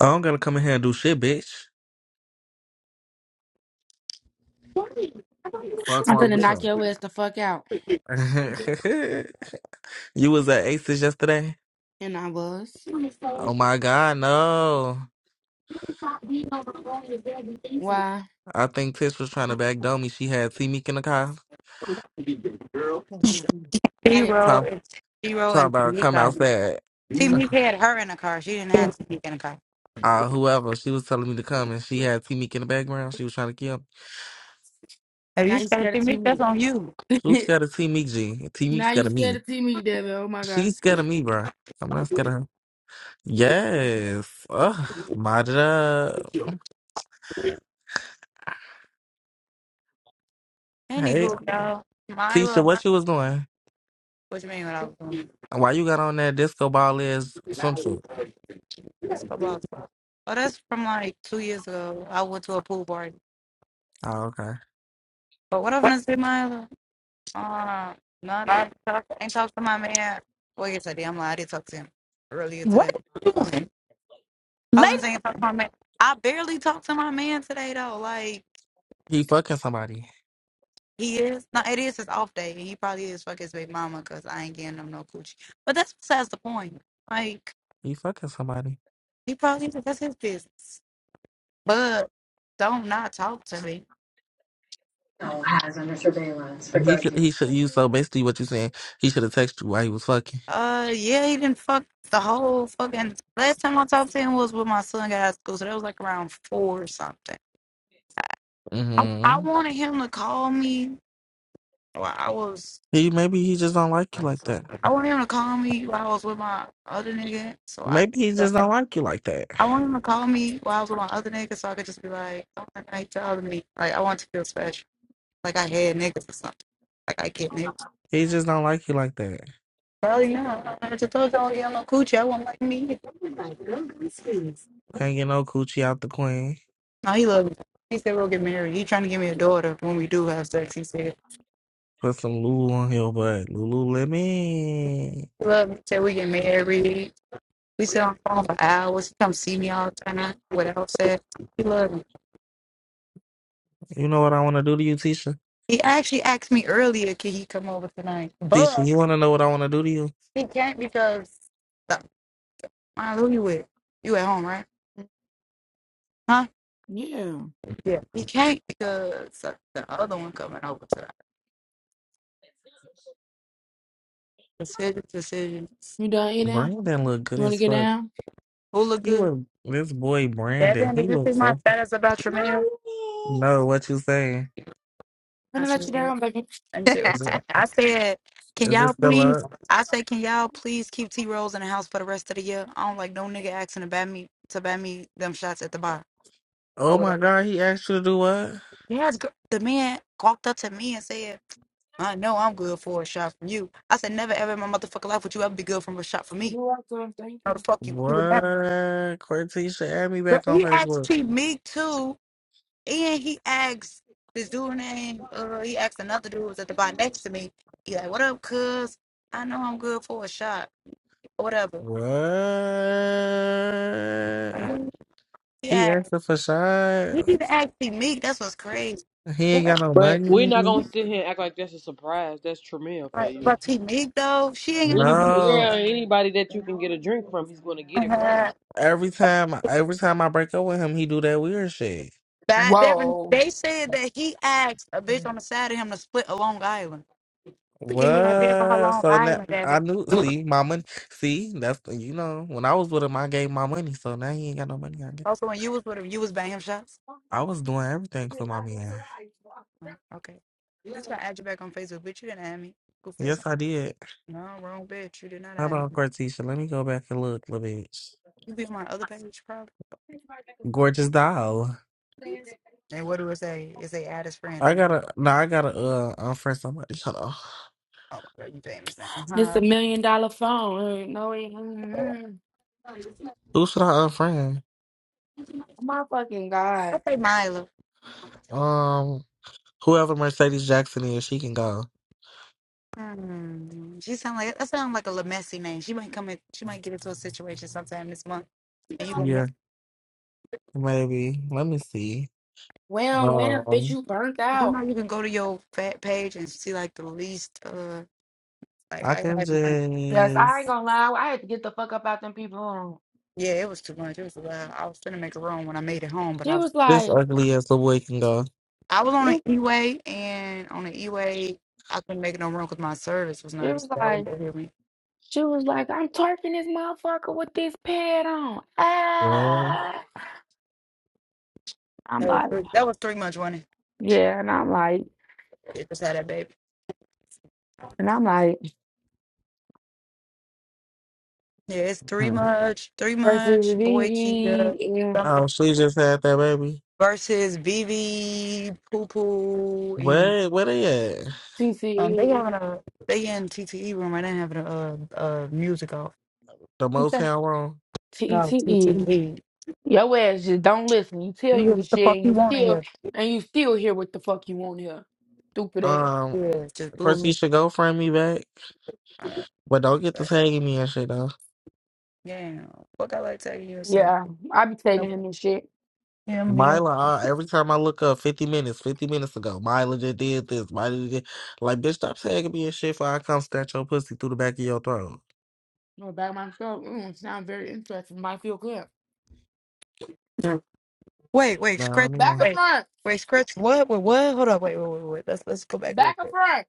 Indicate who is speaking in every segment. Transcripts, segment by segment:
Speaker 1: I don't gotta come in here and do shit, bitch.
Speaker 2: What?
Speaker 1: Fuck
Speaker 3: I'm
Speaker 1: wrong
Speaker 3: finna
Speaker 1: with
Speaker 3: knock
Speaker 1: you?
Speaker 3: your ass the fuck out.
Speaker 1: you was at Aces yesterday?
Speaker 3: And I was.
Speaker 1: Oh my god, no.
Speaker 3: Why?
Speaker 1: I think Tish was trying to back me. She had T Meek in the car.
Speaker 3: Now you
Speaker 4: Hero
Speaker 1: Talk,
Speaker 4: and Hero
Speaker 1: talk
Speaker 4: and
Speaker 1: about come
Speaker 4: Tamika.
Speaker 1: outside.
Speaker 4: Tamika
Speaker 1: Okay.
Speaker 4: had her in the car. She didn't have Tamika in the car.
Speaker 1: Uh, whoever. She was telling me to come and she had T Meek in the background. She was trying to kill me.
Speaker 4: If
Speaker 3: now
Speaker 4: you
Speaker 3: you
Speaker 4: scared
Speaker 3: scared to see
Speaker 4: Tamika, that's
Speaker 3: me.
Speaker 4: on you.
Speaker 1: Who's scared of T Meek G? T Meek's
Speaker 3: now you
Speaker 1: scared of
Speaker 3: scared
Speaker 1: me.
Speaker 3: to see me, Devin. Oh my god.
Speaker 1: She's scared of me, bruh. I'm not scared of her. Yes. Ugh, mod it up. Hey,
Speaker 4: Anywho, y'all, my
Speaker 1: Tisha,
Speaker 4: little
Speaker 1: what you was doing?
Speaker 4: what you mean what I was doing?
Speaker 1: Why you got on that disco ball is swimsuit?
Speaker 4: This football stuff. Oh, that's from like two years ago. I went to a pool party.
Speaker 1: Oh, okay.
Speaker 4: But what I'm gonna say, Milo? Uh, nothing. Talk, ain't talked to my man. Well, yes, I did. I'm lying. I did talk to him earlier today.
Speaker 2: Lay
Speaker 4: I was
Speaker 2: down.
Speaker 4: saying talk to my man. I barely talked to my man today though. Like.
Speaker 1: He fucking somebody.
Speaker 4: He is. No, it is his off day. and He probably is fuck his baby mama because I ain't getting him no coochie. But that's besides the point. Like,
Speaker 1: He fucking somebody.
Speaker 4: he probably, that's his business. But don't not talk to me.
Speaker 5: has under surveillance for
Speaker 1: And he
Speaker 5: drug
Speaker 1: should
Speaker 5: use.
Speaker 1: he should use so basically what you saying, he should have texted you while he was fucking.
Speaker 4: Uh, yeah, he didn't fuck the whole fucking. Last time I talked to him was when my son got out of school. So that was like around four or something. I, I
Speaker 1: hmm
Speaker 4: wanted him to call me. Well, I was.
Speaker 1: He maybe he just don't like you like that.
Speaker 4: I wanted him to call me while I was with my other nigga. So
Speaker 1: Maybe he
Speaker 4: I.
Speaker 1: just don't like you like that.
Speaker 4: I want him to call me while I was with my other niggas so I could just be like, oh, I ain't to to other me. Like, I want to feel special. Like, I had niggas or something. Like, I get niggas.
Speaker 1: He just don't like you like that.
Speaker 4: Hell yeah. I just told y'all, yeah, no coochie. I not like me. either.
Speaker 1: Can't get no coochie out the queen.
Speaker 4: No, he loved me. He said, we'll get married. He trying to give me a daughter when we do have sex. He said,
Speaker 1: Put some Lulu on your butt. Lululemon.
Speaker 4: he loved me. He said, we get married. We sit on the phone for hours. He come see me all the time without sex. He loved me.
Speaker 1: You know what I want to do to you, Tisha?
Speaker 4: He actually asked me earlier, can he come over tonight?
Speaker 1: Tisha,
Speaker 4: But
Speaker 1: you want to know what I want to do to you?
Speaker 4: he can't because, uh, who you with? You at home, right? Huh?
Speaker 3: Yeah.
Speaker 4: Yeah. You can't because of the other one coming over to that decision, decision.
Speaker 3: You done eating?
Speaker 1: Brandon look good
Speaker 3: You wanna
Speaker 1: as
Speaker 3: get
Speaker 1: fuck.
Speaker 3: down?
Speaker 4: Who look
Speaker 1: He
Speaker 4: good?
Speaker 1: was this boy Brandon.
Speaker 4: Devin,
Speaker 1: He
Speaker 4: did you see
Speaker 1: was
Speaker 4: my
Speaker 1: so
Speaker 4: status about Tremaine?
Speaker 3: Mommy.
Speaker 1: no. What you saying?
Speaker 3: I'm
Speaker 4: I
Speaker 3: gonna let
Speaker 4: said,
Speaker 3: you down, baby.
Speaker 4: let me see what
Speaker 1: Is
Speaker 4: it
Speaker 1: it
Speaker 4: said. I said, can
Speaker 1: is it
Speaker 4: y'all
Speaker 1: still
Speaker 3: You're
Speaker 4: please,
Speaker 1: up?
Speaker 4: I said, can y'all please keep T Rose in the house for the rest of the year? I don't like no nigga asking about me to buy me them shots at the bar
Speaker 1: Oh
Speaker 4: or
Speaker 1: my
Speaker 4: whatever.
Speaker 1: God! He asked you to do what?
Speaker 4: Yes, gr- the man walked up to me and said, I know I'm good for a shot from you. I said, never ever in my motherfucking life would you ever be good from a shot from me.
Speaker 3: welcome. Thank
Speaker 4: No, the
Speaker 3: you.
Speaker 4: fuck you. You would never.
Speaker 1: What? Cortisha, add me
Speaker 4: But
Speaker 1: back on
Speaker 4: he asked
Speaker 1: Facebook.
Speaker 4: T Meek too, and he asked this dude name. Uh, he asked another dude who was at the bar next to me. He like, "What up, Cuz? I know I'm good for a shot or whatever."
Speaker 1: What? He
Speaker 4: Yeah,
Speaker 1: asked her for
Speaker 4: he
Speaker 1: shots.
Speaker 4: even asked T Meek. That's what's crazy.
Speaker 1: He
Speaker 4: Who
Speaker 1: ain't got
Speaker 4: asked-
Speaker 1: no
Speaker 5: But we're not
Speaker 1: money.
Speaker 5: gonna sit here and act like that's a surprise. That's Tramiel for
Speaker 4: Right.
Speaker 5: you.
Speaker 4: But T Meek though, she ain't gonna.
Speaker 5: Anybody,
Speaker 1: No.
Speaker 5: yeah, anybody that you can get a drink from, he's gonna get it from
Speaker 4: Uh,
Speaker 1: Every time, every time I break up with him, he do that weird shit.
Speaker 4: Bad Devin,
Speaker 3: Whoa.
Speaker 4: they said that he asked a bitch
Speaker 5: you.
Speaker 4: on the side of him to split a Long Island. But can you have it for her
Speaker 1: What?
Speaker 4: Long
Speaker 1: So now
Speaker 4: Island, Devin?
Speaker 1: I knew. See, my money. See, that's you know. When I was with him, I gave my money. So now he ain't got no money. I guess.
Speaker 4: Also, when you was with him, you was banging shots.
Speaker 1: I was doing everything for my man.
Speaker 4: Oh, Okay. He's gonna add you back on Facebook, bitch. You didn't add me. Goof ass.
Speaker 1: Yes, I did.
Speaker 4: No, wrong bitch. You did not
Speaker 1: Hold
Speaker 4: add
Speaker 1: on,
Speaker 4: me.
Speaker 1: Cortisha. Let me go back and look, little bitch.
Speaker 4: You be on my other page, probably.
Speaker 1: Gorgeous doll.
Speaker 4: And what do it say? Is they add his friend
Speaker 1: I
Speaker 4: on?
Speaker 1: gotta. No, I gotta uh unfriend somebody. Hold on.
Speaker 4: Oh my god, you famous now.
Speaker 3: This a
Speaker 4: Uh
Speaker 3: million dollar phone. Ain't No, it
Speaker 4: huh.
Speaker 3: ain't.
Speaker 1: Who should I unfriend?
Speaker 3: Oh my fucking
Speaker 4: I
Speaker 3: God.
Speaker 4: say Milo.
Speaker 1: Um, whoever Mercedes Jackson is, she can go.
Speaker 4: Hmm. She sound like that sound like a little messy name. She might come in. She might get into a situation sometime this month, and you gonna miss.
Speaker 1: Yeah, maybe. Let me see.
Speaker 3: Well, well, bitch,
Speaker 1: Um,
Speaker 3: you burnt
Speaker 4: You do
Speaker 3: out.
Speaker 4: know you can go to your fat page and see like the least. Uh, like
Speaker 1: I
Speaker 4: I
Speaker 1: can
Speaker 4: have.
Speaker 3: Yes, I ain't
Speaker 1: just.
Speaker 3: gonna lie. I had to get the fuck up out them people.
Speaker 4: Yeah, it was too much. It was a lot. I was gonna make a room when I made it home, but
Speaker 3: She
Speaker 4: I was.
Speaker 3: was
Speaker 1: This
Speaker 3: like,
Speaker 1: ugly as the boy can go.
Speaker 4: I was on an E-way, and on the E-way, I couldn't make no run because my service was
Speaker 3: She
Speaker 4: nervous.
Speaker 3: was
Speaker 4: That wouldn't
Speaker 3: like,
Speaker 4: go hear me.
Speaker 3: she was like, I'm twerking this motherfucker with this pad on.
Speaker 1: Girl.
Speaker 3: Ah. I'm
Speaker 4: That was
Speaker 3: like,
Speaker 4: three, that was three months running.
Speaker 3: yeah, and I'm like,
Speaker 4: It just had that baby.
Speaker 3: and I'm like,
Speaker 4: Yeah, it's three
Speaker 1: Hmm.
Speaker 4: much, three
Speaker 3: versus
Speaker 4: much.
Speaker 3: V
Speaker 4: Boy, Keita,
Speaker 3: V and
Speaker 4: somebody
Speaker 1: Oh, she just had that baby.
Speaker 4: versus BB, Poo Poo, and
Speaker 1: Where where they at?
Speaker 4: um, they
Speaker 3: TCE.
Speaker 4: having a they in TTE room right now having a, a, a music off.
Speaker 1: The
Speaker 3: He said,
Speaker 1: Motown room.
Speaker 4: No
Speaker 3: TTE.
Speaker 4: TTE,
Speaker 3: Your ass just don't listen. You tell
Speaker 4: you
Speaker 3: you
Speaker 4: hear
Speaker 3: the
Speaker 4: what the fuck
Speaker 3: shit and
Speaker 4: you
Speaker 3: you
Speaker 4: want to
Speaker 3: still
Speaker 4: hear?
Speaker 3: and you still hear what the fuck you want here. Stupid ass.
Speaker 1: Um,
Speaker 4: Yeah, just blew
Speaker 1: first
Speaker 4: me.
Speaker 1: you should go friend me back,
Speaker 4: All right,
Speaker 1: but don't get to
Speaker 4: but
Speaker 1: tagging me and shit though.
Speaker 4: yeah, fuck I like tagging you, so
Speaker 3: Yeah, I be taking
Speaker 4: nobody.
Speaker 3: him and shit.
Speaker 4: Yeah, I'm gonna be there.
Speaker 1: Myla, uh, every time I look up, fifty minutes, fifty minutes ago, Myla just did this. Myla just did like, bitch, stop tagging me and shit. Before I come snatch your pussy through the back of your throat.
Speaker 3: No, back myself. Mm, sound very interesting. Might feel good.
Speaker 4: Wait, wait,
Speaker 1: Nah, I
Speaker 4: scratch.
Speaker 1: mean
Speaker 3: Back
Speaker 1: one.
Speaker 3: up
Speaker 4: Wait,
Speaker 3: front.
Speaker 4: wait, scratch. What? Wait, what? Hold on. Wait, wait, wait, wait. Let's let's go back real
Speaker 3: Back up
Speaker 4: quick.
Speaker 3: front.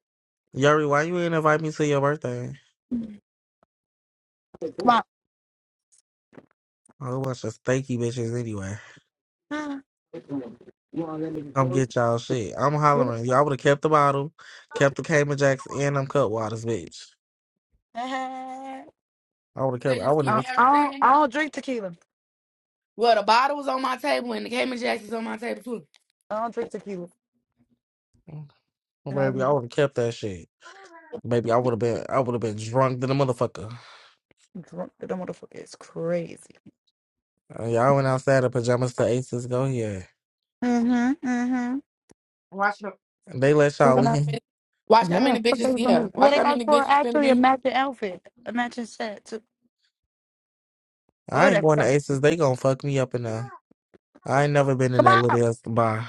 Speaker 1: Yuri, why you ain't invite me to your birthday?
Speaker 4: Come on.
Speaker 1: I want your stanky bitches anyway.
Speaker 4: Ah,
Speaker 1: Come get y'all shit. I'm
Speaker 4: get
Speaker 1: hollering. Y'all would have kept the bottle, kept the Cayman Jacks, and them cut waters, bitch.
Speaker 4: Ah.
Speaker 1: I
Speaker 3: You
Speaker 1: would have
Speaker 3: said you
Speaker 1: kept. I
Speaker 3: was
Speaker 1: wouldn't.
Speaker 4: I,
Speaker 3: keeping
Speaker 4: I don't.
Speaker 3: everything.
Speaker 4: I don't drink tequila.
Speaker 3: Well, the bottle was on my table and the Cayman Jacks is on my table too.
Speaker 4: I don't drink tequila, and I
Speaker 1: Baby,
Speaker 4: be
Speaker 1: I would have kept that shit. Baby, I would have been. I would have been drunk than a motherfucker.
Speaker 4: drunk. That motherfucker is crazy.
Speaker 1: Uh, y'all went outside in pajamas to Aces. Go here.
Speaker 4: Mhm. Mhm.
Speaker 3: Watch how,
Speaker 1: They let
Speaker 4: Who
Speaker 1: y'all
Speaker 4: can
Speaker 3: watch
Speaker 4: I?
Speaker 3: how many
Speaker 1: in.
Speaker 3: watch how
Speaker 4: Yeah.
Speaker 3: many
Speaker 4: What they
Speaker 3: bitches,
Speaker 4: was gonna
Speaker 3: yeah.
Speaker 4: do? Yeah,
Speaker 3: Watch
Speaker 4: they
Speaker 3: how
Speaker 4: asked
Speaker 3: many
Speaker 4: for
Speaker 3: bitches finna
Speaker 4: actually a
Speaker 3: be.
Speaker 4: matching outfit, a matching set too. Oh,
Speaker 1: I ain't
Speaker 4: that
Speaker 1: going to
Speaker 4: stuff.
Speaker 1: Aces. They gonna fuck me up in there. I ain't never been in that
Speaker 4: Come on.
Speaker 1: little ass bar.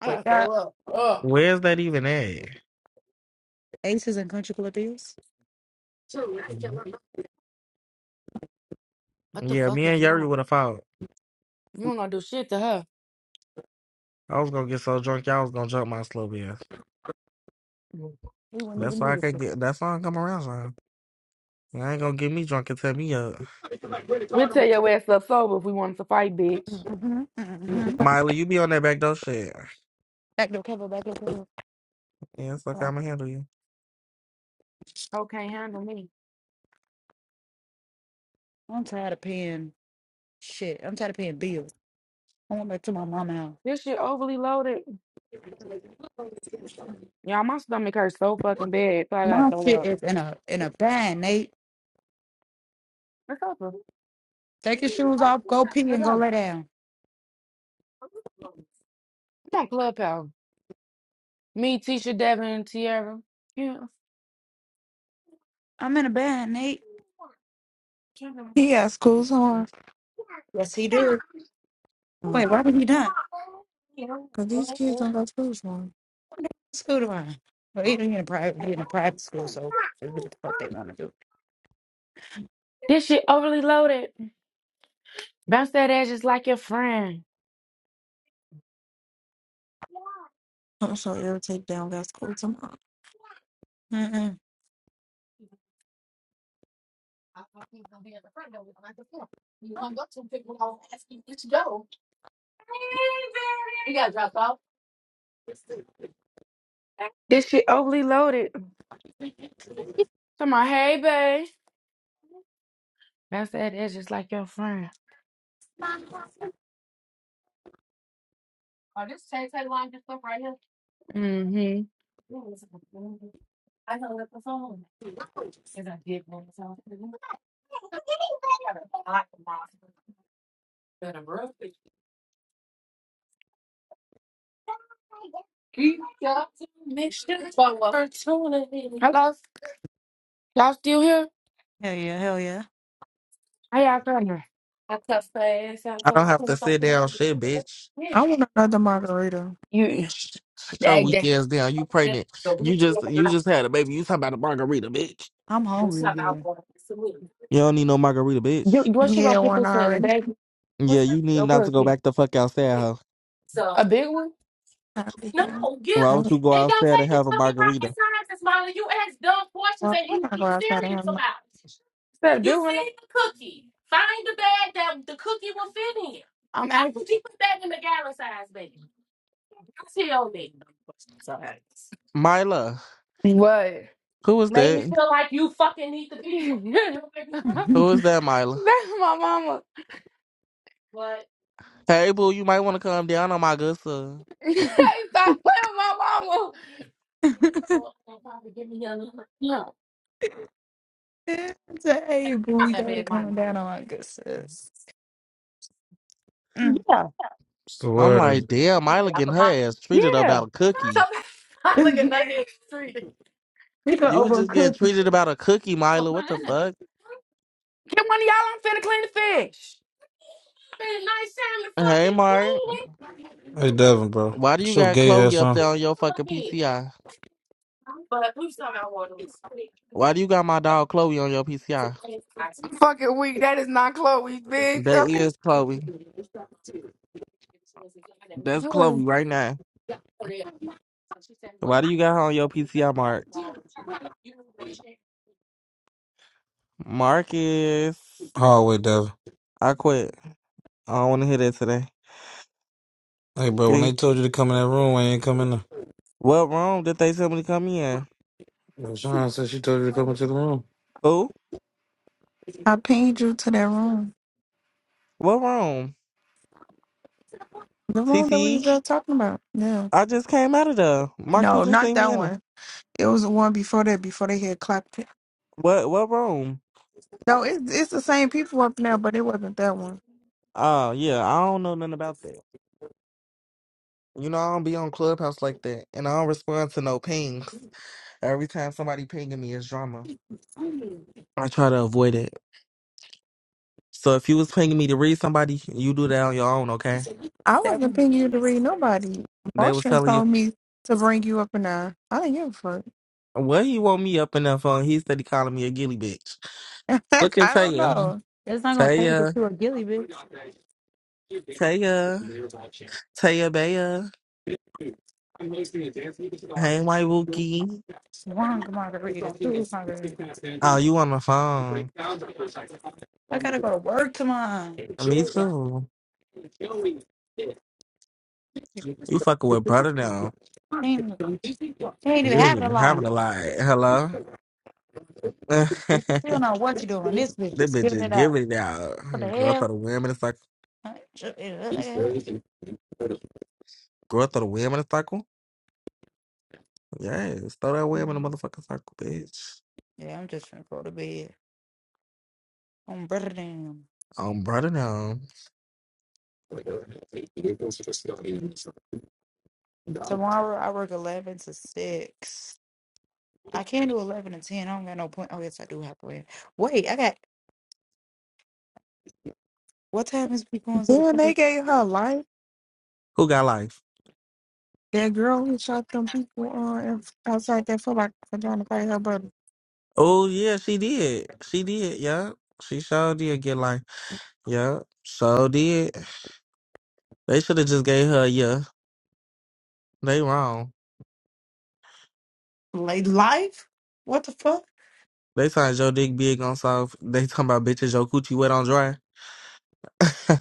Speaker 3: I gotta
Speaker 4: Wake
Speaker 3: throw
Speaker 4: up.
Speaker 3: up. Ugh.
Speaker 1: Where's that even at?
Speaker 4: Aces and country club deals.
Speaker 1: Mhm.
Speaker 3: What the
Speaker 1: Yeah,
Speaker 3: fuck
Speaker 1: me
Speaker 3: is
Speaker 1: and Yuri
Speaker 3: wrong?
Speaker 1: would have fought.
Speaker 3: You don't gonna do shit to her.
Speaker 1: I was gonna get so drunk, y'all was gonna jump my slow ass.
Speaker 4: We wouldn't
Speaker 1: That's
Speaker 4: even
Speaker 1: why
Speaker 4: do
Speaker 1: I can't
Speaker 4: this.
Speaker 1: get. That's why I come around. I ain't gonna get me drunk and tell me up.
Speaker 3: We'll tell your ass up sober if we wanted to fight, bitch.
Speaker 4: Mhm. Mhm.
Speaker 1: Miley, you be on that back door shit.
Speaker 4: Back door cover. Back door
Speaker 1: Yeah, it's okay.
Speaker 4: cover.
Speaker 1: I'm gonna handle you.
Speaker 3: Coke can't handle me.
Speaker 4: I'm tired of paying shit. I'm tired of paying bills. I want back to my mama house.
Speaker 3: This shit overly loaded. Y'all, my stomach hurts so fucking bad, so I gotta
Speaker 4: My
Speaker 3: throw
Speaker 4: shit
Speaker 3: up.
Speaker 4: is in a in a bag, Nate.
Speaker 3: It's over.
Speaker 4: Take your
Speaker 3: It's
Speaker 4: shoes off, go pee and go
Speaker 3: over.
Speaker 4: lay down.
Speaker 3: Come on, Clubhouse. Me, Tisha, Devin, Tierra. Yeah.
Speaker 4: I'm in a bag, Nate.
Speaker 2: He got school somewhere.
Speaker 4: Yes, he do. Wait,
Speaker 2: Because
Speaker 4: why would he not?
Speaker 2: these kids don't go to school tomorrow.
Speaker 4: What school do I? Well, he in a private, he in a private school, so they do what the fuck they want to do.
Speaker 3: This shit overly loaded. Bounce that ass just like your friend.
Speaker 4: Mm-mm.
Speaker 3: This shit overly loaded. Come on, hey, babe. Bounce that ass just like your friend. Mm-hmm. Hello? Y'all still here?
Speaker 4: Hell yeah, hell yeah.
Speaker 3: How y'all coming?
Speaker 1: I don't have to sit down, shit, bitch.
Speaker 2: I want another margarita.
Speaker 3: You,
Speaker 1: Sh- Shut your
Speaker 3: that,
Speaker 1: weak
Speaker 3: that,
Speaker 1: ass down. You pregnant. You just you just had a baby. You talking about a margarita, bitch.
Speaker 4: I'm hungry, dude.
Speaker 1: You don't need no margarita, bitch.
Speaker 3: you, what she gonna
Speaker 2: Yeah,
Speaker 3: put
Speaker 2: one
Speaker 3: this in? A
Speaker 2: already.
Speaker 3: baby?
Speaker 1: Yeah, you need
Speaker 3: Real
Speaker 1: not to go
Speaker 3: quick.
Speaker 1: back the fuck outside, huh?
Speaker 3: A big one?
Speaker 2: I'll be here.
Speaker 1: Why would
Speaker 2: I-
Speaker 1: you go outside and have a margarita?
Speaker 2: Well, we're not going outside and have my.
Speaker 3: Instead of doing it, I'm I asking.
Speaker 1: Mila,
Speaker 3: What?
Speaker 1: who is that? Who is that, Mila?
Speaker 3: That's my mama.
Speaker 1: Hey, boo, you might want to come down on my good sir.
Speaker 3: Stop playing with my mama.
Speaker 4: Say, hey, boo, y'all coming down on my good sis. Mm.
Speaker 3: Yeah,
Speaker 6: It's the
Speaker 1: I'm
Speaker 6: word.
Speaker 1: like, damn, Mila getting her ass treated
Speaker 3: yeah.
Speaker 1: about a cookie.
Speaker 4: we
Speaker 3: Look
Speaker 4: can
Speaker 1: You was just getting
Speaker 4: overcook.
Speaker 1: tweeted about a cookie, Milo. What the fuck?
Speaker 3: Get one of y'all. I'm finna clean the fish.
Speaker 1: Hey, Mark.
Speaker 6: Hey Devin, bro.
Speaker 1: Why do you
Speaker 6: It's your
Speaker 1: got
Speaker 6: gay
Speaker 1: Chloe
Speaker 6: ass
Speaker 1: up
Speaker 6: on.
Speaker 1: there on your fucking PCI? Why do you got my dog Chloe on your PCI?
Speaker 3: I'm fucking weak. That is not Chloe, bitch. I
Speaker 1: That
Speaker 3: don't
Speaker 1: is Chloe. That's Chloe right now. Why do you got her on your PCI, Mark? Marcus.
Speaker 6: Hallway Devin.
Speaker 1: I quit. I don't want to hear that today.
Speaker 6: Hey bro, when
Speaker 1: Eh,
Speaker 6: they told you to come in that room, why you ain't come in there?
Speaker 1: What room did they tell me to come in?
Speaker 6: Yo, Sean said she told you to come into the room.
Speaker 1: Who?
Speaker 2: I pinged you to that room.
Speaker 1: What room?
Speaker 2: The room that we were
Speaker 1: TCE?
Speaker 2: just talking about. Yeah.
Speaker 1: I just came out of there. Mark, you
Speaker 2: No,
Speaker 1: just
Speaker 2: not
Speaker 1: seen
Speaker 2: that
Speaker 1: me in a
Speaker 2: one. It was the one before that, before they had clapped it.
Speaker 1: What, what room?
Speaker 2: No, it's, it's the same people up now, but it wasn't that one.
Speaker 1: Oh, yeah. I don't know nothing about that. You know, I don't be on Clubhouse like that, and I don't respond to no pings. Every time somebody pinging me, it's drama. I try to avoid it. So if you was pinging me to read somebody, you do that on your own, okay?
Speaker 2: I wasn't paying you to read nobody.
Speaker 1: They was
Speaker 2: Motion
Speaker 1: telling you,
Speaker 2: told me to bring you up and I. I didn't give a
Speaker 1: what he woke me up in that phone? He said he calling me a gilly bitch.
Speaker 2: fuck.
Speaker 1: Look at
Speaker 2: I don't
Speaker 1: Taya.
Speaker 2: know.
Speaker 4: It's not gonna take us
Speaker 1: Taya.
Speaker 4: to a gilly, bitch.
Speaker 1: Taya. Taya Baya. Hey, my Wookie.
Speaker 4: One margarita, two margaritas.
Speaker 1: Oh, you on the phone.
Speaker 4: I gotta go to work tomorrow.
Speaker 1: Me too.
Speaker 4: You
Speaker 1: You fucking with brother now.
Speaker 4: ain't, you ain't
Speaker 1: You
Speaker 4: even
Speaker 1: ain't
Speaker 4: having a
Speaker 1: even
Speaker 4: lot.
Speaker 1: having a lie. Hello?
Speaker 4: You don't know what you're doing. This bitch
Speaker 1: That
Speaker 4: is
Speaker 1: bitch
Speaker 4: giving
Speaker 1: just
Speaker 4: it up.
Speaker 1: giving it out.
Speaker 4: What the
Speaker 1: Girl,
Speaker 4: hell?
Speaker 1: throw the wham in the cycle.
Speaker 4: Uh, sh- it look like hell.
Speaker 1: Girl, throw the wham in the cycle. Yes, throw that wham in the motherfucking cycle, bitch.
Speaker 4: Yeah, I'm just gonna go to bed. I'm better than
Speaker 1: Um, brother, now
Speaker 2: Then
Speaker 4: tomorrow. I work eleven to six. I can't do eleven to ten. I don't got no point. Oh yes, I do have to wait. Wait, I got what time is we going to the play?
Speaker 2: they gave her life.
Speaker 1: who got life?
Speaker 2: That girl who shot them people on in- outside that foot like for trying to fight her brother.
Speaker 1: Oh yeah, she did. She did. Yeah, she sure did get life. Yeah, so did. They should have just gave her. a Yeah, they wrong.
Speaker 4: Late life? What the fuck?
Speaker 1: They signed your dick big on soft. They talking about bitches your coochie wet on dry.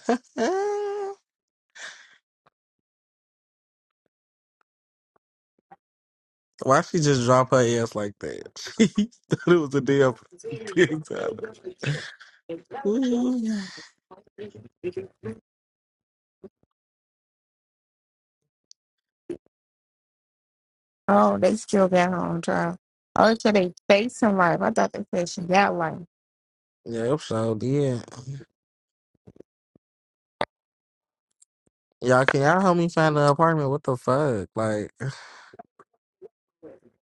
Speaker 1: Why she just drop her ass like that? She thought it was a damn pig Ooh.
Speaker 2: Oh, they still got her on trial. Oh, so they facing life. I thought they said she got life.
Speaker 1: Yep, so did. Y'all can y'all help me find an apartment? What the fuck? Like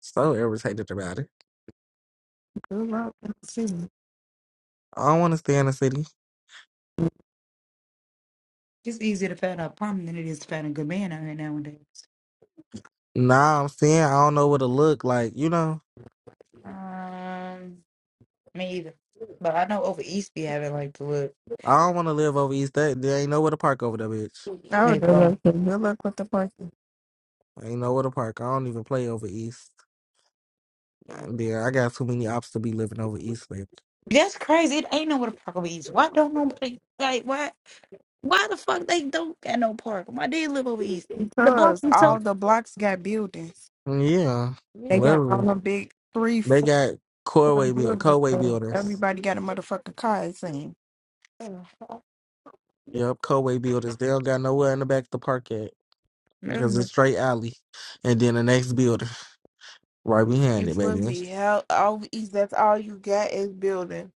Speaker 1: so irritated about it.
Speaker 2: Good luck.
Speaker 1: I don't wanna stay in the city.
Speaker 4: It's easier to find a apartment than it is to find a good man out here nowadays.
Speaker 1: Nah, I'm saying I don't know what to look like, you know.
Speaker 4: Um, me either. But I know over East be having like the look.
Speaker 1: I don't wanna live over East. That there ain't nowhere to park over there, bitch.
Speaker 2: I
Speaker 4: There you
Speaker 2: would have
Speaker 4: go.
Speaker 2: loved to. Good luck with the parking.
Speaker 1: Ain't nowhere to park. I don't even play over East. There, I got too many ops to be living over East, bitch.
Speaker 4: That's crazy. It ain't nowhere to park over East. Why don't nobody like why? Why the fuck they don't got no park? Why they live over East? The block
Speaker 2: Because all
Speaker 4: themselves.
Speaker 2: the blocks got buildings.
Speaker 1: Mm. Yeah.
Speaker 2: They
Speaker 4: Yeah.
Speaker 2: got all
Speaker 1: Literally.
Speaker 2: the big three,
Speaker 1: They
Speaker 2: four
Speaker 1: got Corway build
Speaker 2: buildings.
Speaker 1: Coway
Speaker 2: And
Speaker 1: builders.
Speaker 2: everybody got a motherfucking car, it seems.
Speaker 1: Yep, Coway builders. They don't got nowhere in the back to park at. because it's
Speaker 4: Mm.
Speaker 1: straight alley. And then the next building, right behind it,
Speaker 2: It's
Speaker 1: baby.
Speaker 2: lovely. Hell, always, that's all you got is building.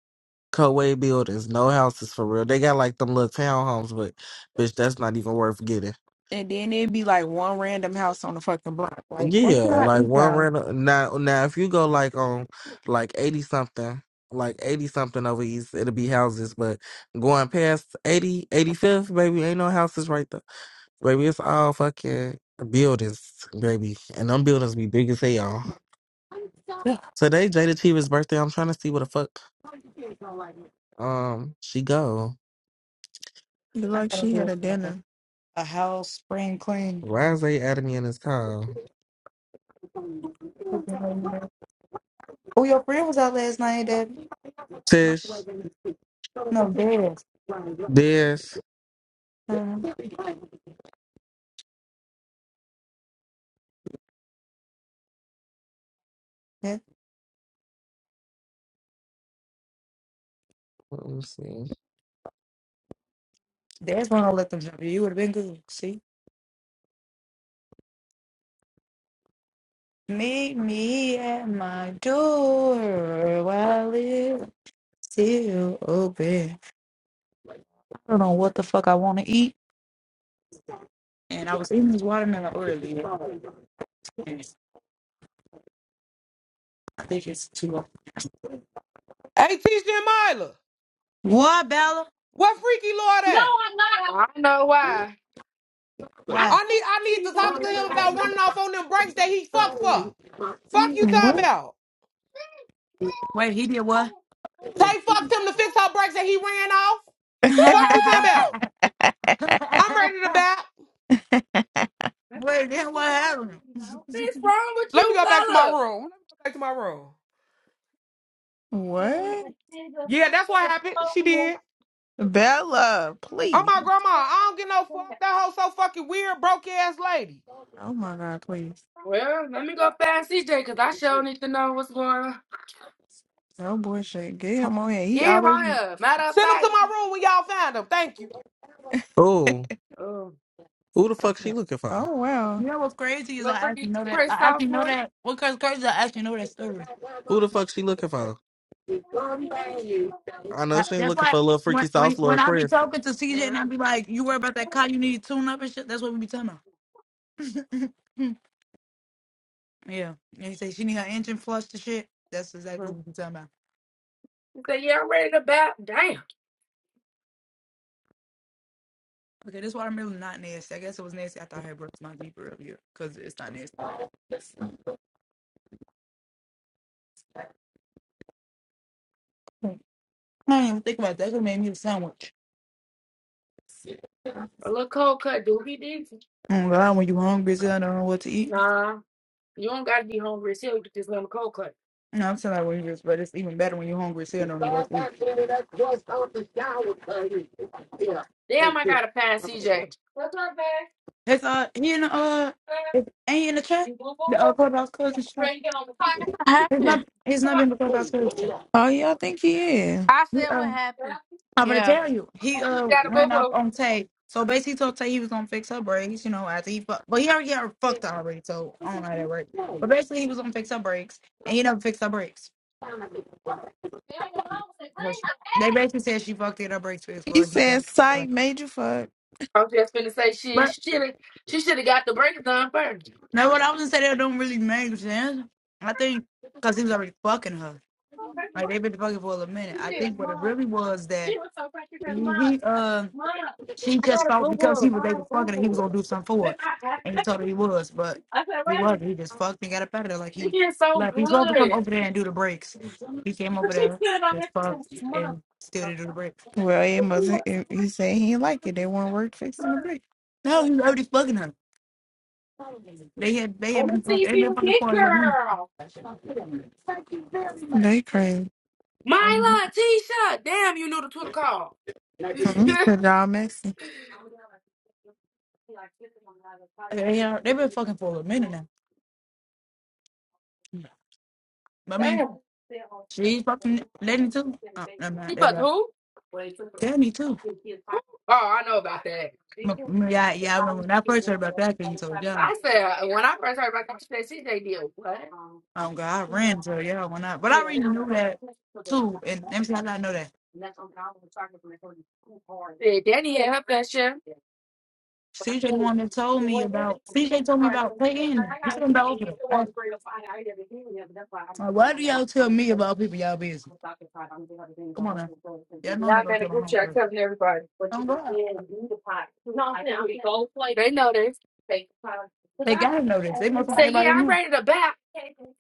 Speaker 1: Coway buildings, no houses for real. They got like them little townhomes, but bitch, that's not even worth getting.
Speaker 2: And then it'd be like one random house on the fucking block. Like,
Speaker 4: What
Speaker 1: Yeah,
Speaker 2: what
Speaker 4: should
Speaker 2: the
Speaker 4: I
Speaker 2: fuck?
Speaker 1: like
Speaker 4: eat,
Speaker 1: one
Speaker 4: y'all?
Speaker 1: rental. Now, now if you go like on like eighty something, like eighty something over east, it'll be houses. But going past eighty, eighty fifth, baby, ain't no houses right there. Baby, it's all fucking buildings, baby, and them buildings be big as hell.
Speaker 2: Yeah.
Speaker 1: Today, Jada Cheever's birthday. I'm trying to see what the fuck. Um, she go.
Speaker 2: Looked
Speaker 4: I
Speaker 2: like
Speaker 4: gotta
Speaker 2: she had
Speaker 4: do
Speaker 2: a
Speaker 4: a,
Speaker 2: dinner.
Speaker 4: a house spring clean.
Speaker 1: Why is they adding me in this call?
Speaker 4: Oh, your friend was out last night, Dad.
Speaker 1: Tish,
Speaker 4: No, Dad.
Speaker 1: this.
Speaker 4: Uh-huh.
Speaker 1: Let me see.
Speaker 4: There's one I let them jump you. You would have been good. See? Meet me at my door while it's still open. I don't know what the fuck I want to eat. And I was eating this watermelon earlier. And I think it's too long.
Speaker 7: Hey, teach them Myla.
Speaker 4: What, Bella?
Speaker 7: What freaky lord at?
Speaker 3: I don't know why.
Speaker 4: Why?
Speaker 7: I need I need to talk to him about
Speaker 2: What?
Speaker 7: running off on them brakes that he fucked for. Fuck you talking about.
Speaker 4: Wait, he did what?
Speaker 7: Tay fucked him to fix her brakes that he ran off. Fuck you talking about. I'm ready to back.
Speaker 4: Wait, then what happened?
Speaker 3: What's
Speaker 4: you
Speaker 3: wrong with
Speaker 7: Let me
Speaker 3: you,
Speaker 7: go back to my
Speaker 3: fella?
Speaker 7: room. Let me go back to my room.
Speaker 2: What?
Speaker 7: Yeah, that's what happened. She did.
Speaker 2: Bella,
Speaker 7: I'm
Speaker 2: please.
Speaker 7: my grandma. I don't get no fuck. That hoe so fucking weird, broke ass lady.
Speaker 2: Oh my God, please.
Speaker 3: Well, let me go find CJ because I sure need to know what's going on.
Speaker 2: Oh boy, shit. Get him on here. He
Speaker 3: Yeah,
Speaker 2: always.
Speaker 3: Maya. Matter of
Speaker 7: Send him to
Speaker 3: fact,
Speaker 7: my room when y'all find him. Thank you.
Speaker 1: Oh,
Speaker 3: uh,
Speaker 1: who the fuck she looking for?
Speaker 2: Oh wow.
Speaker 4: know what's crazy is I
Speaker 3: look
Speaker 4: actually
Speaker 3: freaking
Speaker 4: know that.
Speaker 3: Chris
Speaker 4: I actually know
Speaker 3: sophomore.
Speaker 4: that. What crazy crazy? is I actually know that story.
Speaker 1: Who the fuck she looking for? I know
Speaker 4: I-
Speaker 1: she ain't
Speaker 4: That's
Speaker 1: looking
Speaker 4: why
Speaker 1: for a little
Speaker 4: when
Speaker 1: freaky
Speaker 4: when
Speaker 1: sauce,
Speaker 4: when
Speaker 1: Lord
Speaker 4: I be
Speaker 1: Chris.
Speaker 4: talking to CJ and I
Speaker 3: Yeah.
Speaker 4: be like, "You worry about that car, you need to tune up and shit." That's what we be talking about. yeah, and he say she need her engine flushed and shit. That's exactly what we be talking about. Okay, this watermelon not nasty. I guess it was nasty after I had broke my beef earlier because it's not nasty. But I didn't even think about that. It made me a sandwich. Mm, God, when you hungry, so I don't know what to eat. No, I'm telling you what it is, but it's even better when you are hungry, so I don't know what to eat.
Speaker 3: Damn, I gotta find CJ.
Speaker 4: It's uh, he in the uh, is- ain't he in the chat? The uh, clubhouse cousin
Speaker 8: What
Speaker 4: He's
Speaker 8: happened?
Speaker 4: not. He's not been before about scripture.
Speaker 2: Oh yeah, I think he is.
Speaker 8: I
Speaker 4: He,
Speaker 8: said what
Speaker 4: uh,
Speaker 8: happened.
Speaker 4: I'm gonna
Speaker 8: Yeah.
Speaker 4: tell you. He uh ran off on Tay. So basically, he told Tay he was gonna fix her brakes. You know, after he fucked, but he already got her fucked already. So I don't know how that worked. But basically, he was gonna fix her brakes, and he never fixed her brakes. So she- They basically said she fucked it her brakes fixed,
Speaker 2: He
Speaker 4: but he never.
Speaker 2: said
Speaker 4: fixed her
Speaker 2: psych
Speaker 4: brakes.
Speaker 2: major fuck.
Speaker 3: I'm just finna say she
Speaker 4: But
Speaker 3: should have she should have got the break done first.
Speaker 4: no, what I was gonna say that don't really make sense. I think because he was already fucking her. Like they've been fucking for a little minute. I think what it really was that he, he um She just thought because he was they was fucking her, he was gonna do something for her. And he told her he was, but he wasn't. He just fucked and got up out of there like
Speaker 3: It
Speaker 4: he
Speaker 3: is so
Speaker 4: left. He's supposed to come
Speaker 3: good.
Speaker 4: over there and do the breaks. He came over there, just fucked and still didn't do the breaks.
Speaker 2: Well, it must. It, he said he didn't like it. They weren't work fixing the brick.
Speaker 4: No, he was already fucking her. They had they had been fucking they been fucking for a little minute.
Speaker 2: They crazy.
Speaker 4: Um,
Speaker 3: Myla, Tisha. Damn, you knew the Twitter call. Damn.
Speaker 2: Mm-hmm. Y'all messy.
Speaker 4: they are, they been fucking for a little minute now. I mean, she's fucking Lenny too. Uh, I'm not.
Speaker 3: She
Speaker 4: They
Speaker 3: fucked
Speaker 4: left.
Speaker 3: who?
Speaker 4: Danny too.
Speaker 3: Oh, I know about that.
Speaker 4: M- m- Yeah, yeah. I remember when I first heard about that thing, so yeah.
Speaker 3: I said when I first heard about that, she said CJ did what?
Speaker 4: Oh God, I ran to y'all when I, but I already knew that too. And let me see how did I know that?
Speaker 3: like, Hey, Danny had her fair share.
Speaker 4: CJ the one that told me
Speaker 3: Well, yeah,
Speaker 4: about CJ told me about
Speaker 3: Yeah,
Speaker 4: playing. This is about open. I- Like, why do y'all tell me about people y'all busy?
Speaker 3: about, i
Speaker 4: Come on now, y'all know I'm
Speaker 3: Now
Speaker 4: not
Speaker 3: I'm
Speaker 4: gonna
Speaker 3: in
Speaker 4: tell
Speaker 3: a
Speaker 4: my
Speaker 3: group
Speaker 4: home
Speaker 3: chat,
Speaker 4: first.
Speaker 3: covering everybody. But you
Speaker 4: Don't go
Speaker 3: can
Speaker 4: out.
Speaker 3: then the pot. No, They know this. Cause
Speaker 4: They
Speaker 3: I
Speaker 4: gotta know this. They must want
Speaker 3: say,
Speaker 4: everybody
Speaker 3: yeah,
Speaker 4: to
Speaker 3: I'm
Speaker 4: know.
Speaker 3: ready to back.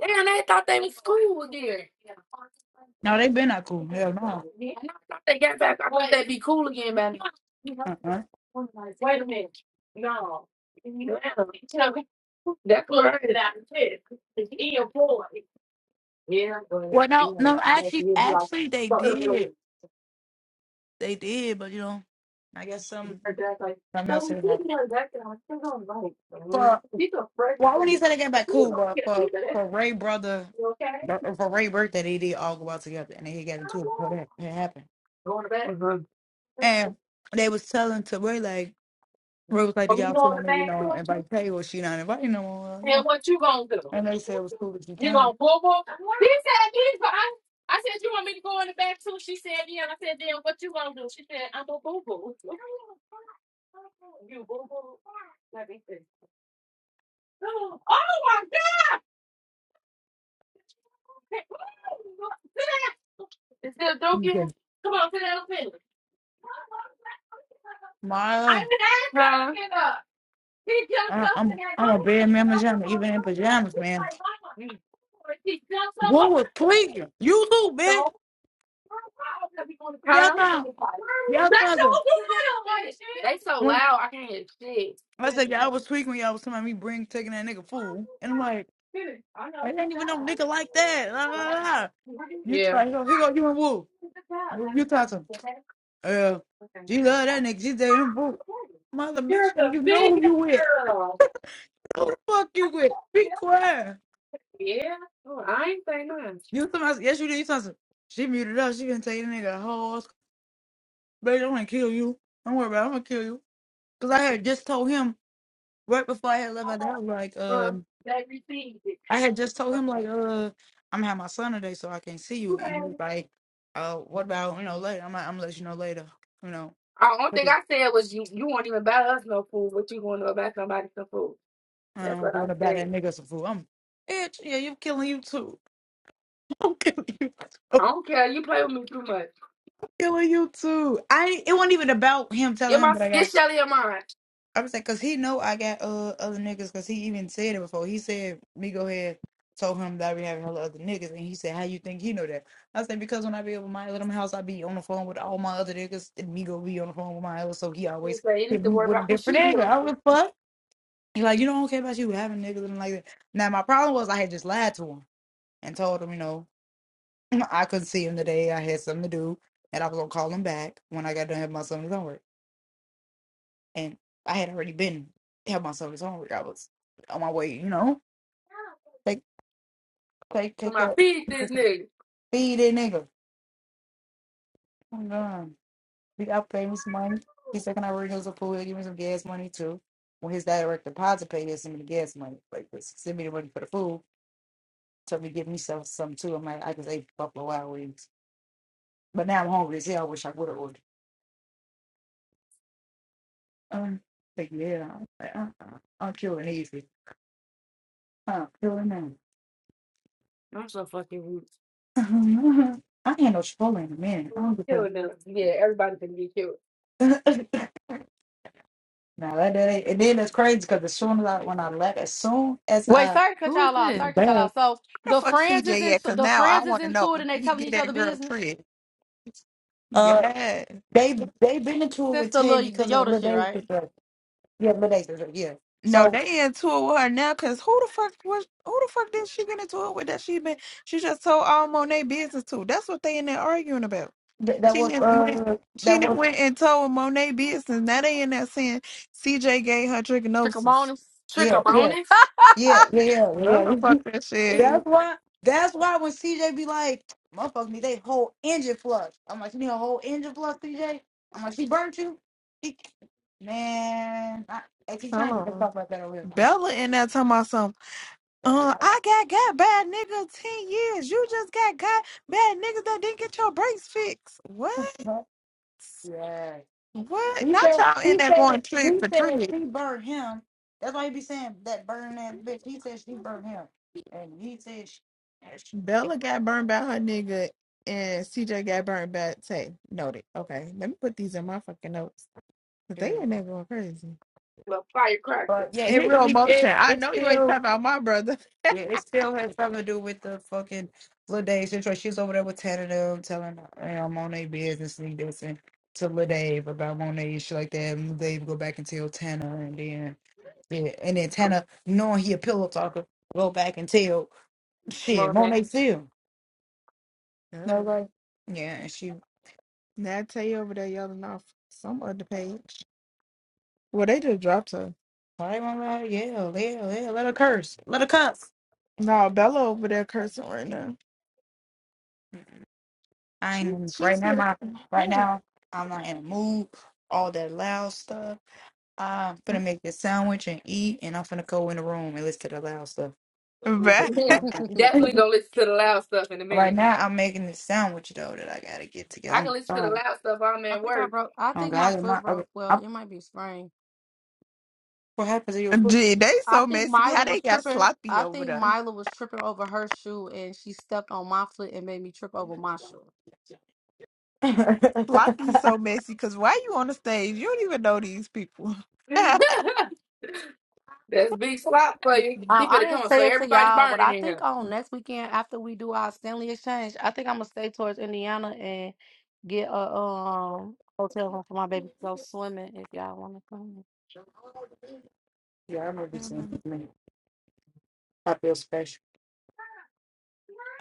Speaker 3: Damn, they thought they was cool again.
Speaker 4: No, they been not cool. Hell no.
Speaker 3: Thought they got back. I thought they'd be cool again, man.
Speaker 4: Uh-uh.
Speaker 3: That's right. That kid, he a boy
Speaker 4: Well, no, no. Actually, actually, they did. They did, but you know, I guess some something else had happened. "Well, Why when he said they came back cool, but for for Ray brother for Ray birthday they did all go out together and they got into it before that it happened.
Speaker 3: going to bed. hmm
Speaker 4: And they was telling to Ray like Ray was like, Do y'all still want me to, you know, invite Tay or she not inviting no one? No. And they said it was cool if you can. And he said, Maya,
Speaker 3: I didn't ask that huh? kid up.
Speaker 4: I, I'm I'm a bad man pajama, even in pajamas,
Speaker 3: It's
Speaker 4: man.
Speaker 3: like,
Speaker 4: What was tweaking? You too, bitch. Y'all time. Y'all time. to- When I said y'all was tweaking when y'all was telling me bring taking that nigga fool, And I'm like I ain't even no nigga like that. Nah, nah, nah.
Speaker 3: mama.
Speaker 4: You
Speaker 3: Yeah.
Speaker 4: try, here go you and Woo. You you try some. Uh, she love that nigga. She say him Woo. Mother bitch, now you know who you with. Who the fuck you with? Be quiet. You somebody, yes you did. You said some. She muted up. She gonna taking the nigga the whole. sc- Baby, I'm gonna kill you. Don't worry about. it. I'm gonna kill you. Cause I had just told him right before I had left out the house. Like, uh. I had just told him like, uh, I'm gonna have my son today, so I can't see you. And he was like, uh, what about you know later? I'm like, I'm gonna let you know later. You know,
Speaker 3: The only
Speaker 4: What
Speaker 3: thing
Speaker 4: the-
Speaker 3: I said was you you won't even buy us no food, but you going to go buy somebody some food.
Speaker 4: I
Speaker 3: That's
Speaker 4: don't
Speaker 3: what I
Speaker 4: doing about
Speaker 3: said.
Speaker 4: that nigga some fool. I'm bitch. Yeah, you're killing you too. I'm killing you. Too. I'm
Speaker 3: I don't care. You play with me too much.
Speaker 4: killing you too. I. It wasn't even about him telling
Speaker 3: Get
Speaker 4: him
Speaker 3: my
Speaker 4: that I got
Speaker 3: get Shelly in mine.
Speaker 4: I was like, cause he know I got uh other niggas, cause he even said it before. He said me go ahead told him that I be having other niggas, and he said, "How you think he know that?" I said, "Because when I be over my little house, I be on the phone with all my other niggas, and me go be on the phone with my other, so he always hit me with a different nigga. I was like, fuck. He like, you know, I don't care about you having niggas and like that. Now my problem was I had just lied to him and told him, you know, I couldn't see him today. I had something to do, and I was gonna call him back when I got done having my son at work and I had already been had my service on. I was on my way, you know. Take take
Speaker 3: For
Speaker 4: take
Speaker 3: my
Speaker 4: that
Speaker 3: feed this nigga.
Speaker 4: feed that nigga. Oh god. He got pay me some money. He said can I renew some food, give me some gas money too. When his direct deposit paid, he send me the gas money. Like send me the money for the food. Told me to give me some some too. I'm like, I just ate Buffalo Wild Wings. But now I'm hungry as hell. I wish I would have ordered. Um like yeah, I'm, like, uh, uh, I'm killing easy. I'm killing now. I ain't no Chipotle in a minute. I don't give a fuck.
Speaker 3: Kill them. Yeah, everybody can be killed.
Speaker 4: Now that, that ain't, and then it's crazy because as soon as I when I left, as soon as
Speaker 8: Wait,
Speaker 4: I
Speaker 8: sorry to cut y'all off. Sorry to cut y'all
Speaker 4: left,
Speaker 8: off. So
Speaker 2: Where the
Speaker 8: the
Speaker 2: fuck
Speaker 8: friends is
Speaker 2: CJ at?
Speaker 8: into
Speaker 2: Cause
Speaker 8: the
Speaker 2: now I
Speaker 8: friends is
Speaker 2: want to know.
Speaker 8: into it and they
Speaker 2: Did he
Speaker 8: telling
Speaker 2: get
Speaker 8: each other
Speaker 2: that girl
Speaker 8: business
Speaker 2: treated?
Speaker 4: uh,
Speaker 2: Yeah.
Speaker 4: they they been into it
Speaker 8: since
Speaker 4: with
Speaker 8: the
Speaker 4: Tay
Speaker 8: little the
Speaker 4: because of the
Speaker 8: Yoda
Speaker 4: little
Speaker 8: shit,
Speaker 4: days
Speaker 8: right?
Speaker 4: sister. Yeah, little days sister. Yeah.
Speaker 2: No,
Speaker 4: So
Speaker 2: they in tour with her now. Cause who the fuck was? Who the fuck did she get into it with? That she been? She just told all Monet business to. That's what they in there arguing about.
Speaker 4: th- that
Speaker 2: She
Speaker 4: was
Speaker 2: didn't went.
Speaker 4: uh
Speaker 2: She
Speaker 4: that
Speaker 2: didn't
Speaker 4: was
Speaker 2: went and told Monet business. Now they in that saying CJ gave her trichinosis.
Speaker 8: Trichomonas.
Speaker 3: Trick
Speaker 4: yeah
Speaker 3: up on
Speaker 4: yeah
Speaker 3: this.
Speaker 4: yeah yeah
Speaker 2: Well,
Speaker 4: yeah
Speaker 2: the
Speaker 4: yeah.
Speaker 2: fuck that
Speaker 4: that's
Speaker 2: shit.
Speaker 4: why that's why when CJ be like, motherfuckers need they whole engine flush. I'm like, you need a whole engine flush, CJ. I'm like, she burnt you. He, man, I, I keep
Speaker 2: Hold
Speaker 4: trying to
Speaker 2: on.
Speaker 4: talk about that earlier.
Speaker 2: Bella in that talking about something. Uh, I got got bad nigga ten years. You just got got bad niggas that didn't get your brakes fixed. What?
Speaker 4: Yeah.
Speaker 2: What?
Speaker 4: He
Speaker 2: Not
Speaker 4: said,
Speaker 2: y'all in
Speaker 4: he
Speaker 2: that
Speaker 4: said,
Speaker 2: going trick
Speaker 4: he
Speaker 2: for
Speaker 4: said
Speaker 2: trick.
Speaker 4: she burned him. That's why he be saying that burn ass bitch. He said she burned him, and he said she. that she- burned
Speaker 2: Bella got burned by her nigga, and CJ got burned by Tay. Noted. Okay, let me put these in my fucking notes. Cause they
Speaker 4: him.
Speaker 2: in there going crazy.
Speaker 4: But yeah, it
Speaker 2: Here go
Speaker 4: really
Speaker 2: motion.
Speaker 4: it
Speaker 2: I
Speaker 4: it
Speaker 2: know you ain't talking
Speaker 4: still
Speaker 2: about my brother.
Speaker 4: yeah it still has something to do with the fucking Ladae situation. She's over there with Tanner them telling you know, Monet business and this and to Ladave about Monet and shit like that. And Ladave go back and tell Tanner, and then yeah, and then Tanner knowing he a pillow talker go back and tell shit Monet too. No,
Speaker 2: Mm.
Speaker 4: like, yeah, she
Speaker 2: Now I tell you over there yelling off some other page. Well, they just dropped her.
Speaker 4: probably won't let her yell, yell, yell, let her curse, let her cuss.
Speaker 2: No, Bella over there cursing right now.
Speaker 4: I
Speaker 2: She
Speaker 4: ain't
Speaker 2: she
Speaker 4: right now.
Speaker 2: said,
Speaker 4: My right
Speaker 2: hold
Speaker 4: now, I'm not in a mood. All that loud stuff. I'm gonna
Speaker 2: on.
Speaker 4: make this sandwich and eat, and I'm gonna go in the room and listen to the loud stuff.
Speaker 2: Bruh,
Speaker 4: Right
Speaker 3: Definitely
Speaker 4: now,
Speaker 3: gonna listen to the loud stuff in a
Speaker 4: right
Speaker 3: minute.
Speaker 4: now, I'm making this sandwich though that I gotta get together.
Speaker 3: I
Speaker 4: I'm
Speaker 3: can listen to the
Speaker 4: sorry.
Speaker 3: loud stuff while I'm
Speaker 8: I
Speaker 3: at
Speaker 8: think I
Speaker 3: work.
Speaker 8: broke. I
Speaker 4: Oh
Speaker 8: think my
Speaker 4: God, my
Speaker 8: foot
Speaker 4: okay.
Speaker 8: broke. Well,
Speaker 4: I,
Speaker 8: it might be sprained.
Speaker 4: what happens to your foot?
Speaker 2: Gee, they
Speaker 8: I
Speaker 2: so
Speaker 8: think
Speaker 2: messy. How
Speaker 8: Mila
Speaker 2: they
Speaker 8: was
Speaker 2: got
Speaker 8: tripping.
Speaker 2: sloppy
Speaker 8: I
Speaker 2: over
Speaker 8: think
Speaker 2: there?
Speaker 8: Mila was tripping over her shoe and she stepped on my foot and made me trip over my shoe.
Speaker 4: yeah,
Speaker 2: Floppy's
Speaker 4: I
Speaker 2: so messy because why you on the stage? You don't even know these people.
Speaker 3: That's big slop for you. He
Speaker 8: Um, I
Speaker 3: better come
Speaker 8: didn't
Speaker 3: on. So
Speaker 8: say it to
Speaker 3: everybody
Speaker 8: y'all, but
Speaker 3: burning
Speaker 8: I
Speaker 3: in
Speaker 8: think
Speaker 3: here.
Speaker 8: on next weekend after we do our Stanley exchange, I think I'm gonna stay towards Indiana and get a um hotel room for my baby to go swimming if y'all want to swim.
Speaker 4: remember you saying this to I feel special.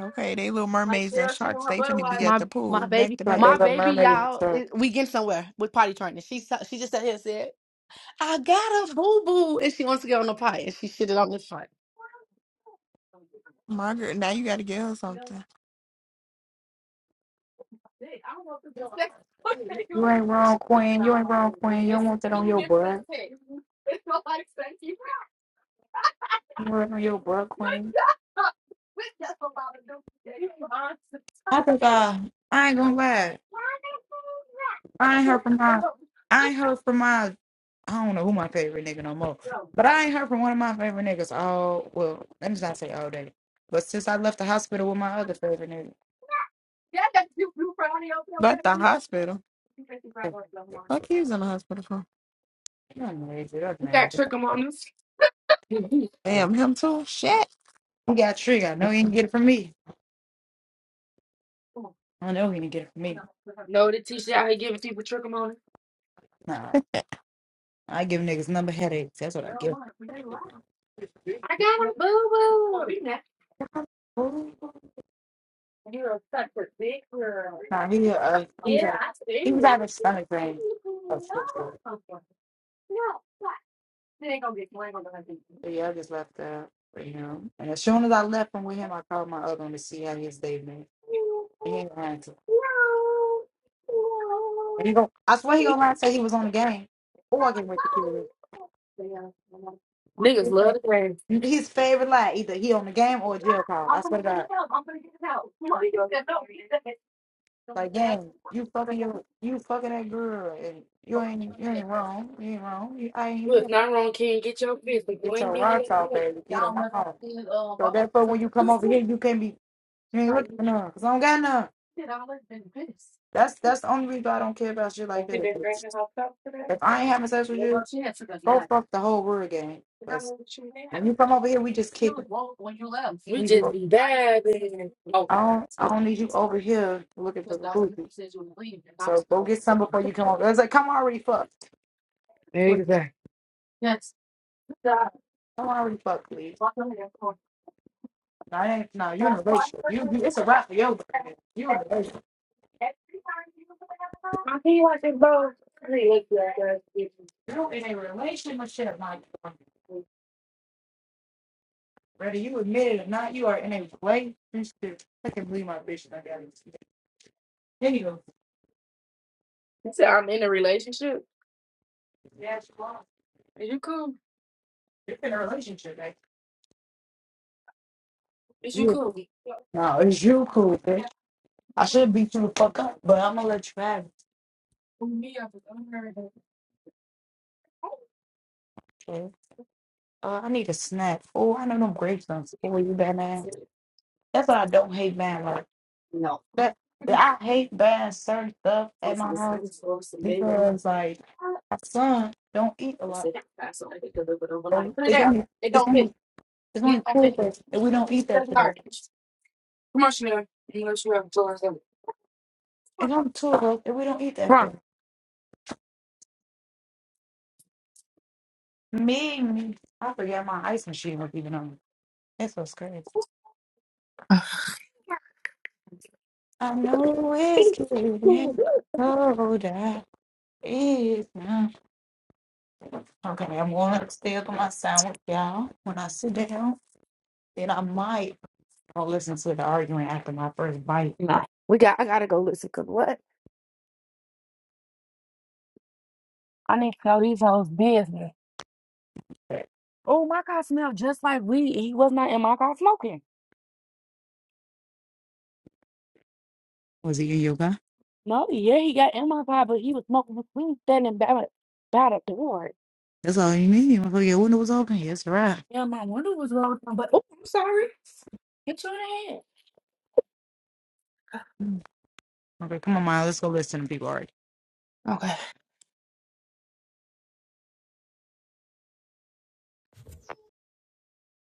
Speaker 2: okay, they little mermaids and sharks. They finna be at
Speaker 8: My
Speaker 2: the pool
Speaker 8: my
Speaker 2: back
Speaker 8: baby,
Speaker 2: to
Speaker 4: My
Speaker 2: back.
Speaker 8: my
Speaker 4: little
Speaker 8: baby,
Speaker 4: mermaid. and
Speaker 8: y'all,
Speaker 4: stuff.
Speaker 8: it, we getting somewhere with potty training. She sa- she just sat here and said, "I got a boo boo," and she wants to get on the potty and she shitted on this front.
Speaker 2: Margaret, now you gotta get her something.
Speaker 4: You ain't wrong, Queen. You ain't wrong, Queen. You don't want that on your butt. You don't want it on your butt, Queen. I think I, I ain't gonna lie. I ain't heard from my, I ain't heard from my, I don't know who my favorite nigga no more. But I ain't heard from one of my favorite niggas all, well, let me not say all day. But since I left the hospital with my other favorite nigga.
Speaker 2: But the hospital.
Speaker 4: You're
Speaker 2: Fuck he was in the hospital for.
Speaker 4: amazing. you
Speaker 3: You got
Speaker 4: amazing.
Speaker 3: trichomonas.
Speaker 2: Damn, him too? Shit.
Speaker 4: He got trigger. I know he didn't get it from me. I know he didn't get it from me.
Speaker 3: No, the teacher out here giving people trichomonas.
Speaker 4: Nah, I give niggas number headaches. That's what I give. Nah, he uh, he was having, he was having stomach pain. Oh, shit, shit. So yeah, I just left that for him. And as soon as I left him with him, I called my other one to see how his day been. And he ain't lying to me. And he go, I swear he gonna lie and say he was on the game or I can wait to kill him. His fa-
Speaker 3: Right.
Speaker 4: his favorite lie, either he on the game or a jail call. I
Speaker 3: I'm gonna
Speaker 4: swear to
Speaker 3: clean it
Speaker 4: God.
Speaker 3: up. I'm gonna get it out. Come on, you don't get no reason.
Speaker 4: Like, gang, you fucking your, you fucking that girl, and you ain't you ain't wrong, you ain't wrong. You, I ain't
Speaker 3: Look,
Speaker 4: mad.
Speaker 3: not wrong, King. Get your business. Go
Speaker 4: Get
Speaker 3: and
Speaker 4: your
Speaker 3: get
Speaker 4: rocks
Speaker 3: it.
Speaker 4: off,
Speaker 3: out.
Speaker 4: baby. Get them off. So therefore, when you come over here, you can't be You ain't looking for none, because I don't got none. That's that's the only reason why I don't care about shit like that. 'cause If I ain't having sex with you, go fuck the whole word game. Because when you come over here, we just
Speaker 3: She
Speaker 4: kick
Speaker 3: was
Speaker 4: it.
Speaker 3: woke when you left. We
Speaker 4: We
Speaker 3: just
Speaker 4: do
Speaker 3: be bad.
Speaker 4: I
Speaker 3: Okay.
Speaker 4: don't I don't need you over here looking for the booty. So go get some before you come over. It's like come already fucked. Like,
Speaker 3: Exactly.
Speaker 4: Come already fucked, please. No, I ain't no, you in a relationship. You, you it's a wrap for your man. You in a relationship.
Speaker 3: I think like they both. He
Speaker 4: You in a relationship, my girl. whether you admit it or not, you are in a relationship. I can believe my bitch. I got it. Anywho,
Speaker 3: said, I'm in a relationship.
Speaker 4: yeah, she lost.
Speaker 3: Is you cool?
Speaker 4: You're in a relationship, right?
Speaker 3: Is you
Speaker 4: You,
Speaker 3: cool?
Speaker 4: no, it's you, cool, bitch. I should beat you the fuck up, but I'm gonna let you have it. Okay? Uh, I need a snack. Oh, I know them grapes done spoil you, bad man. That's why I don't hate bad like that. I hate bad certain stuff at my house because like my son don't eat a lot. So it's only it's only it's only two of us, and we don't eat that today.
Speaker 3: Come on, Chanel. You know she have to tell us that.
Speaker 4: It's only two of us, and we don't eat that
Speaker 3: Come on.
Speaker 4: thing. Me, me, I forgot my ice machine was even on. That's what's crazy. I know it's getting colder. It's not. Okay, I'm going upstairs on my sound with y'all. When I sit down, then I might I'll listen to the argument after my first bite.
Speaker 3: We got. I gotta go listen. Cause what? I need to know these hoes' business.
Speaker 4: But
Speaker 3: Oh, my car smelled just like weed. He was not in my car smoking.
Speaker 4: Was it in yoga?
Speaker 3: No, yeah, he got in my car, but he was smoking his weed standing by the, by the door.
Speaker 4: That's all you need. Motherfucker, your window was open. Yes, right.
Speaker 3: Yeah, my window was rolled down, but oh, I'm sorry. Get your
Speaker 4: Mm. Okay, come on, Maya. Let's go listen to people argue.
Speaker 3: hand.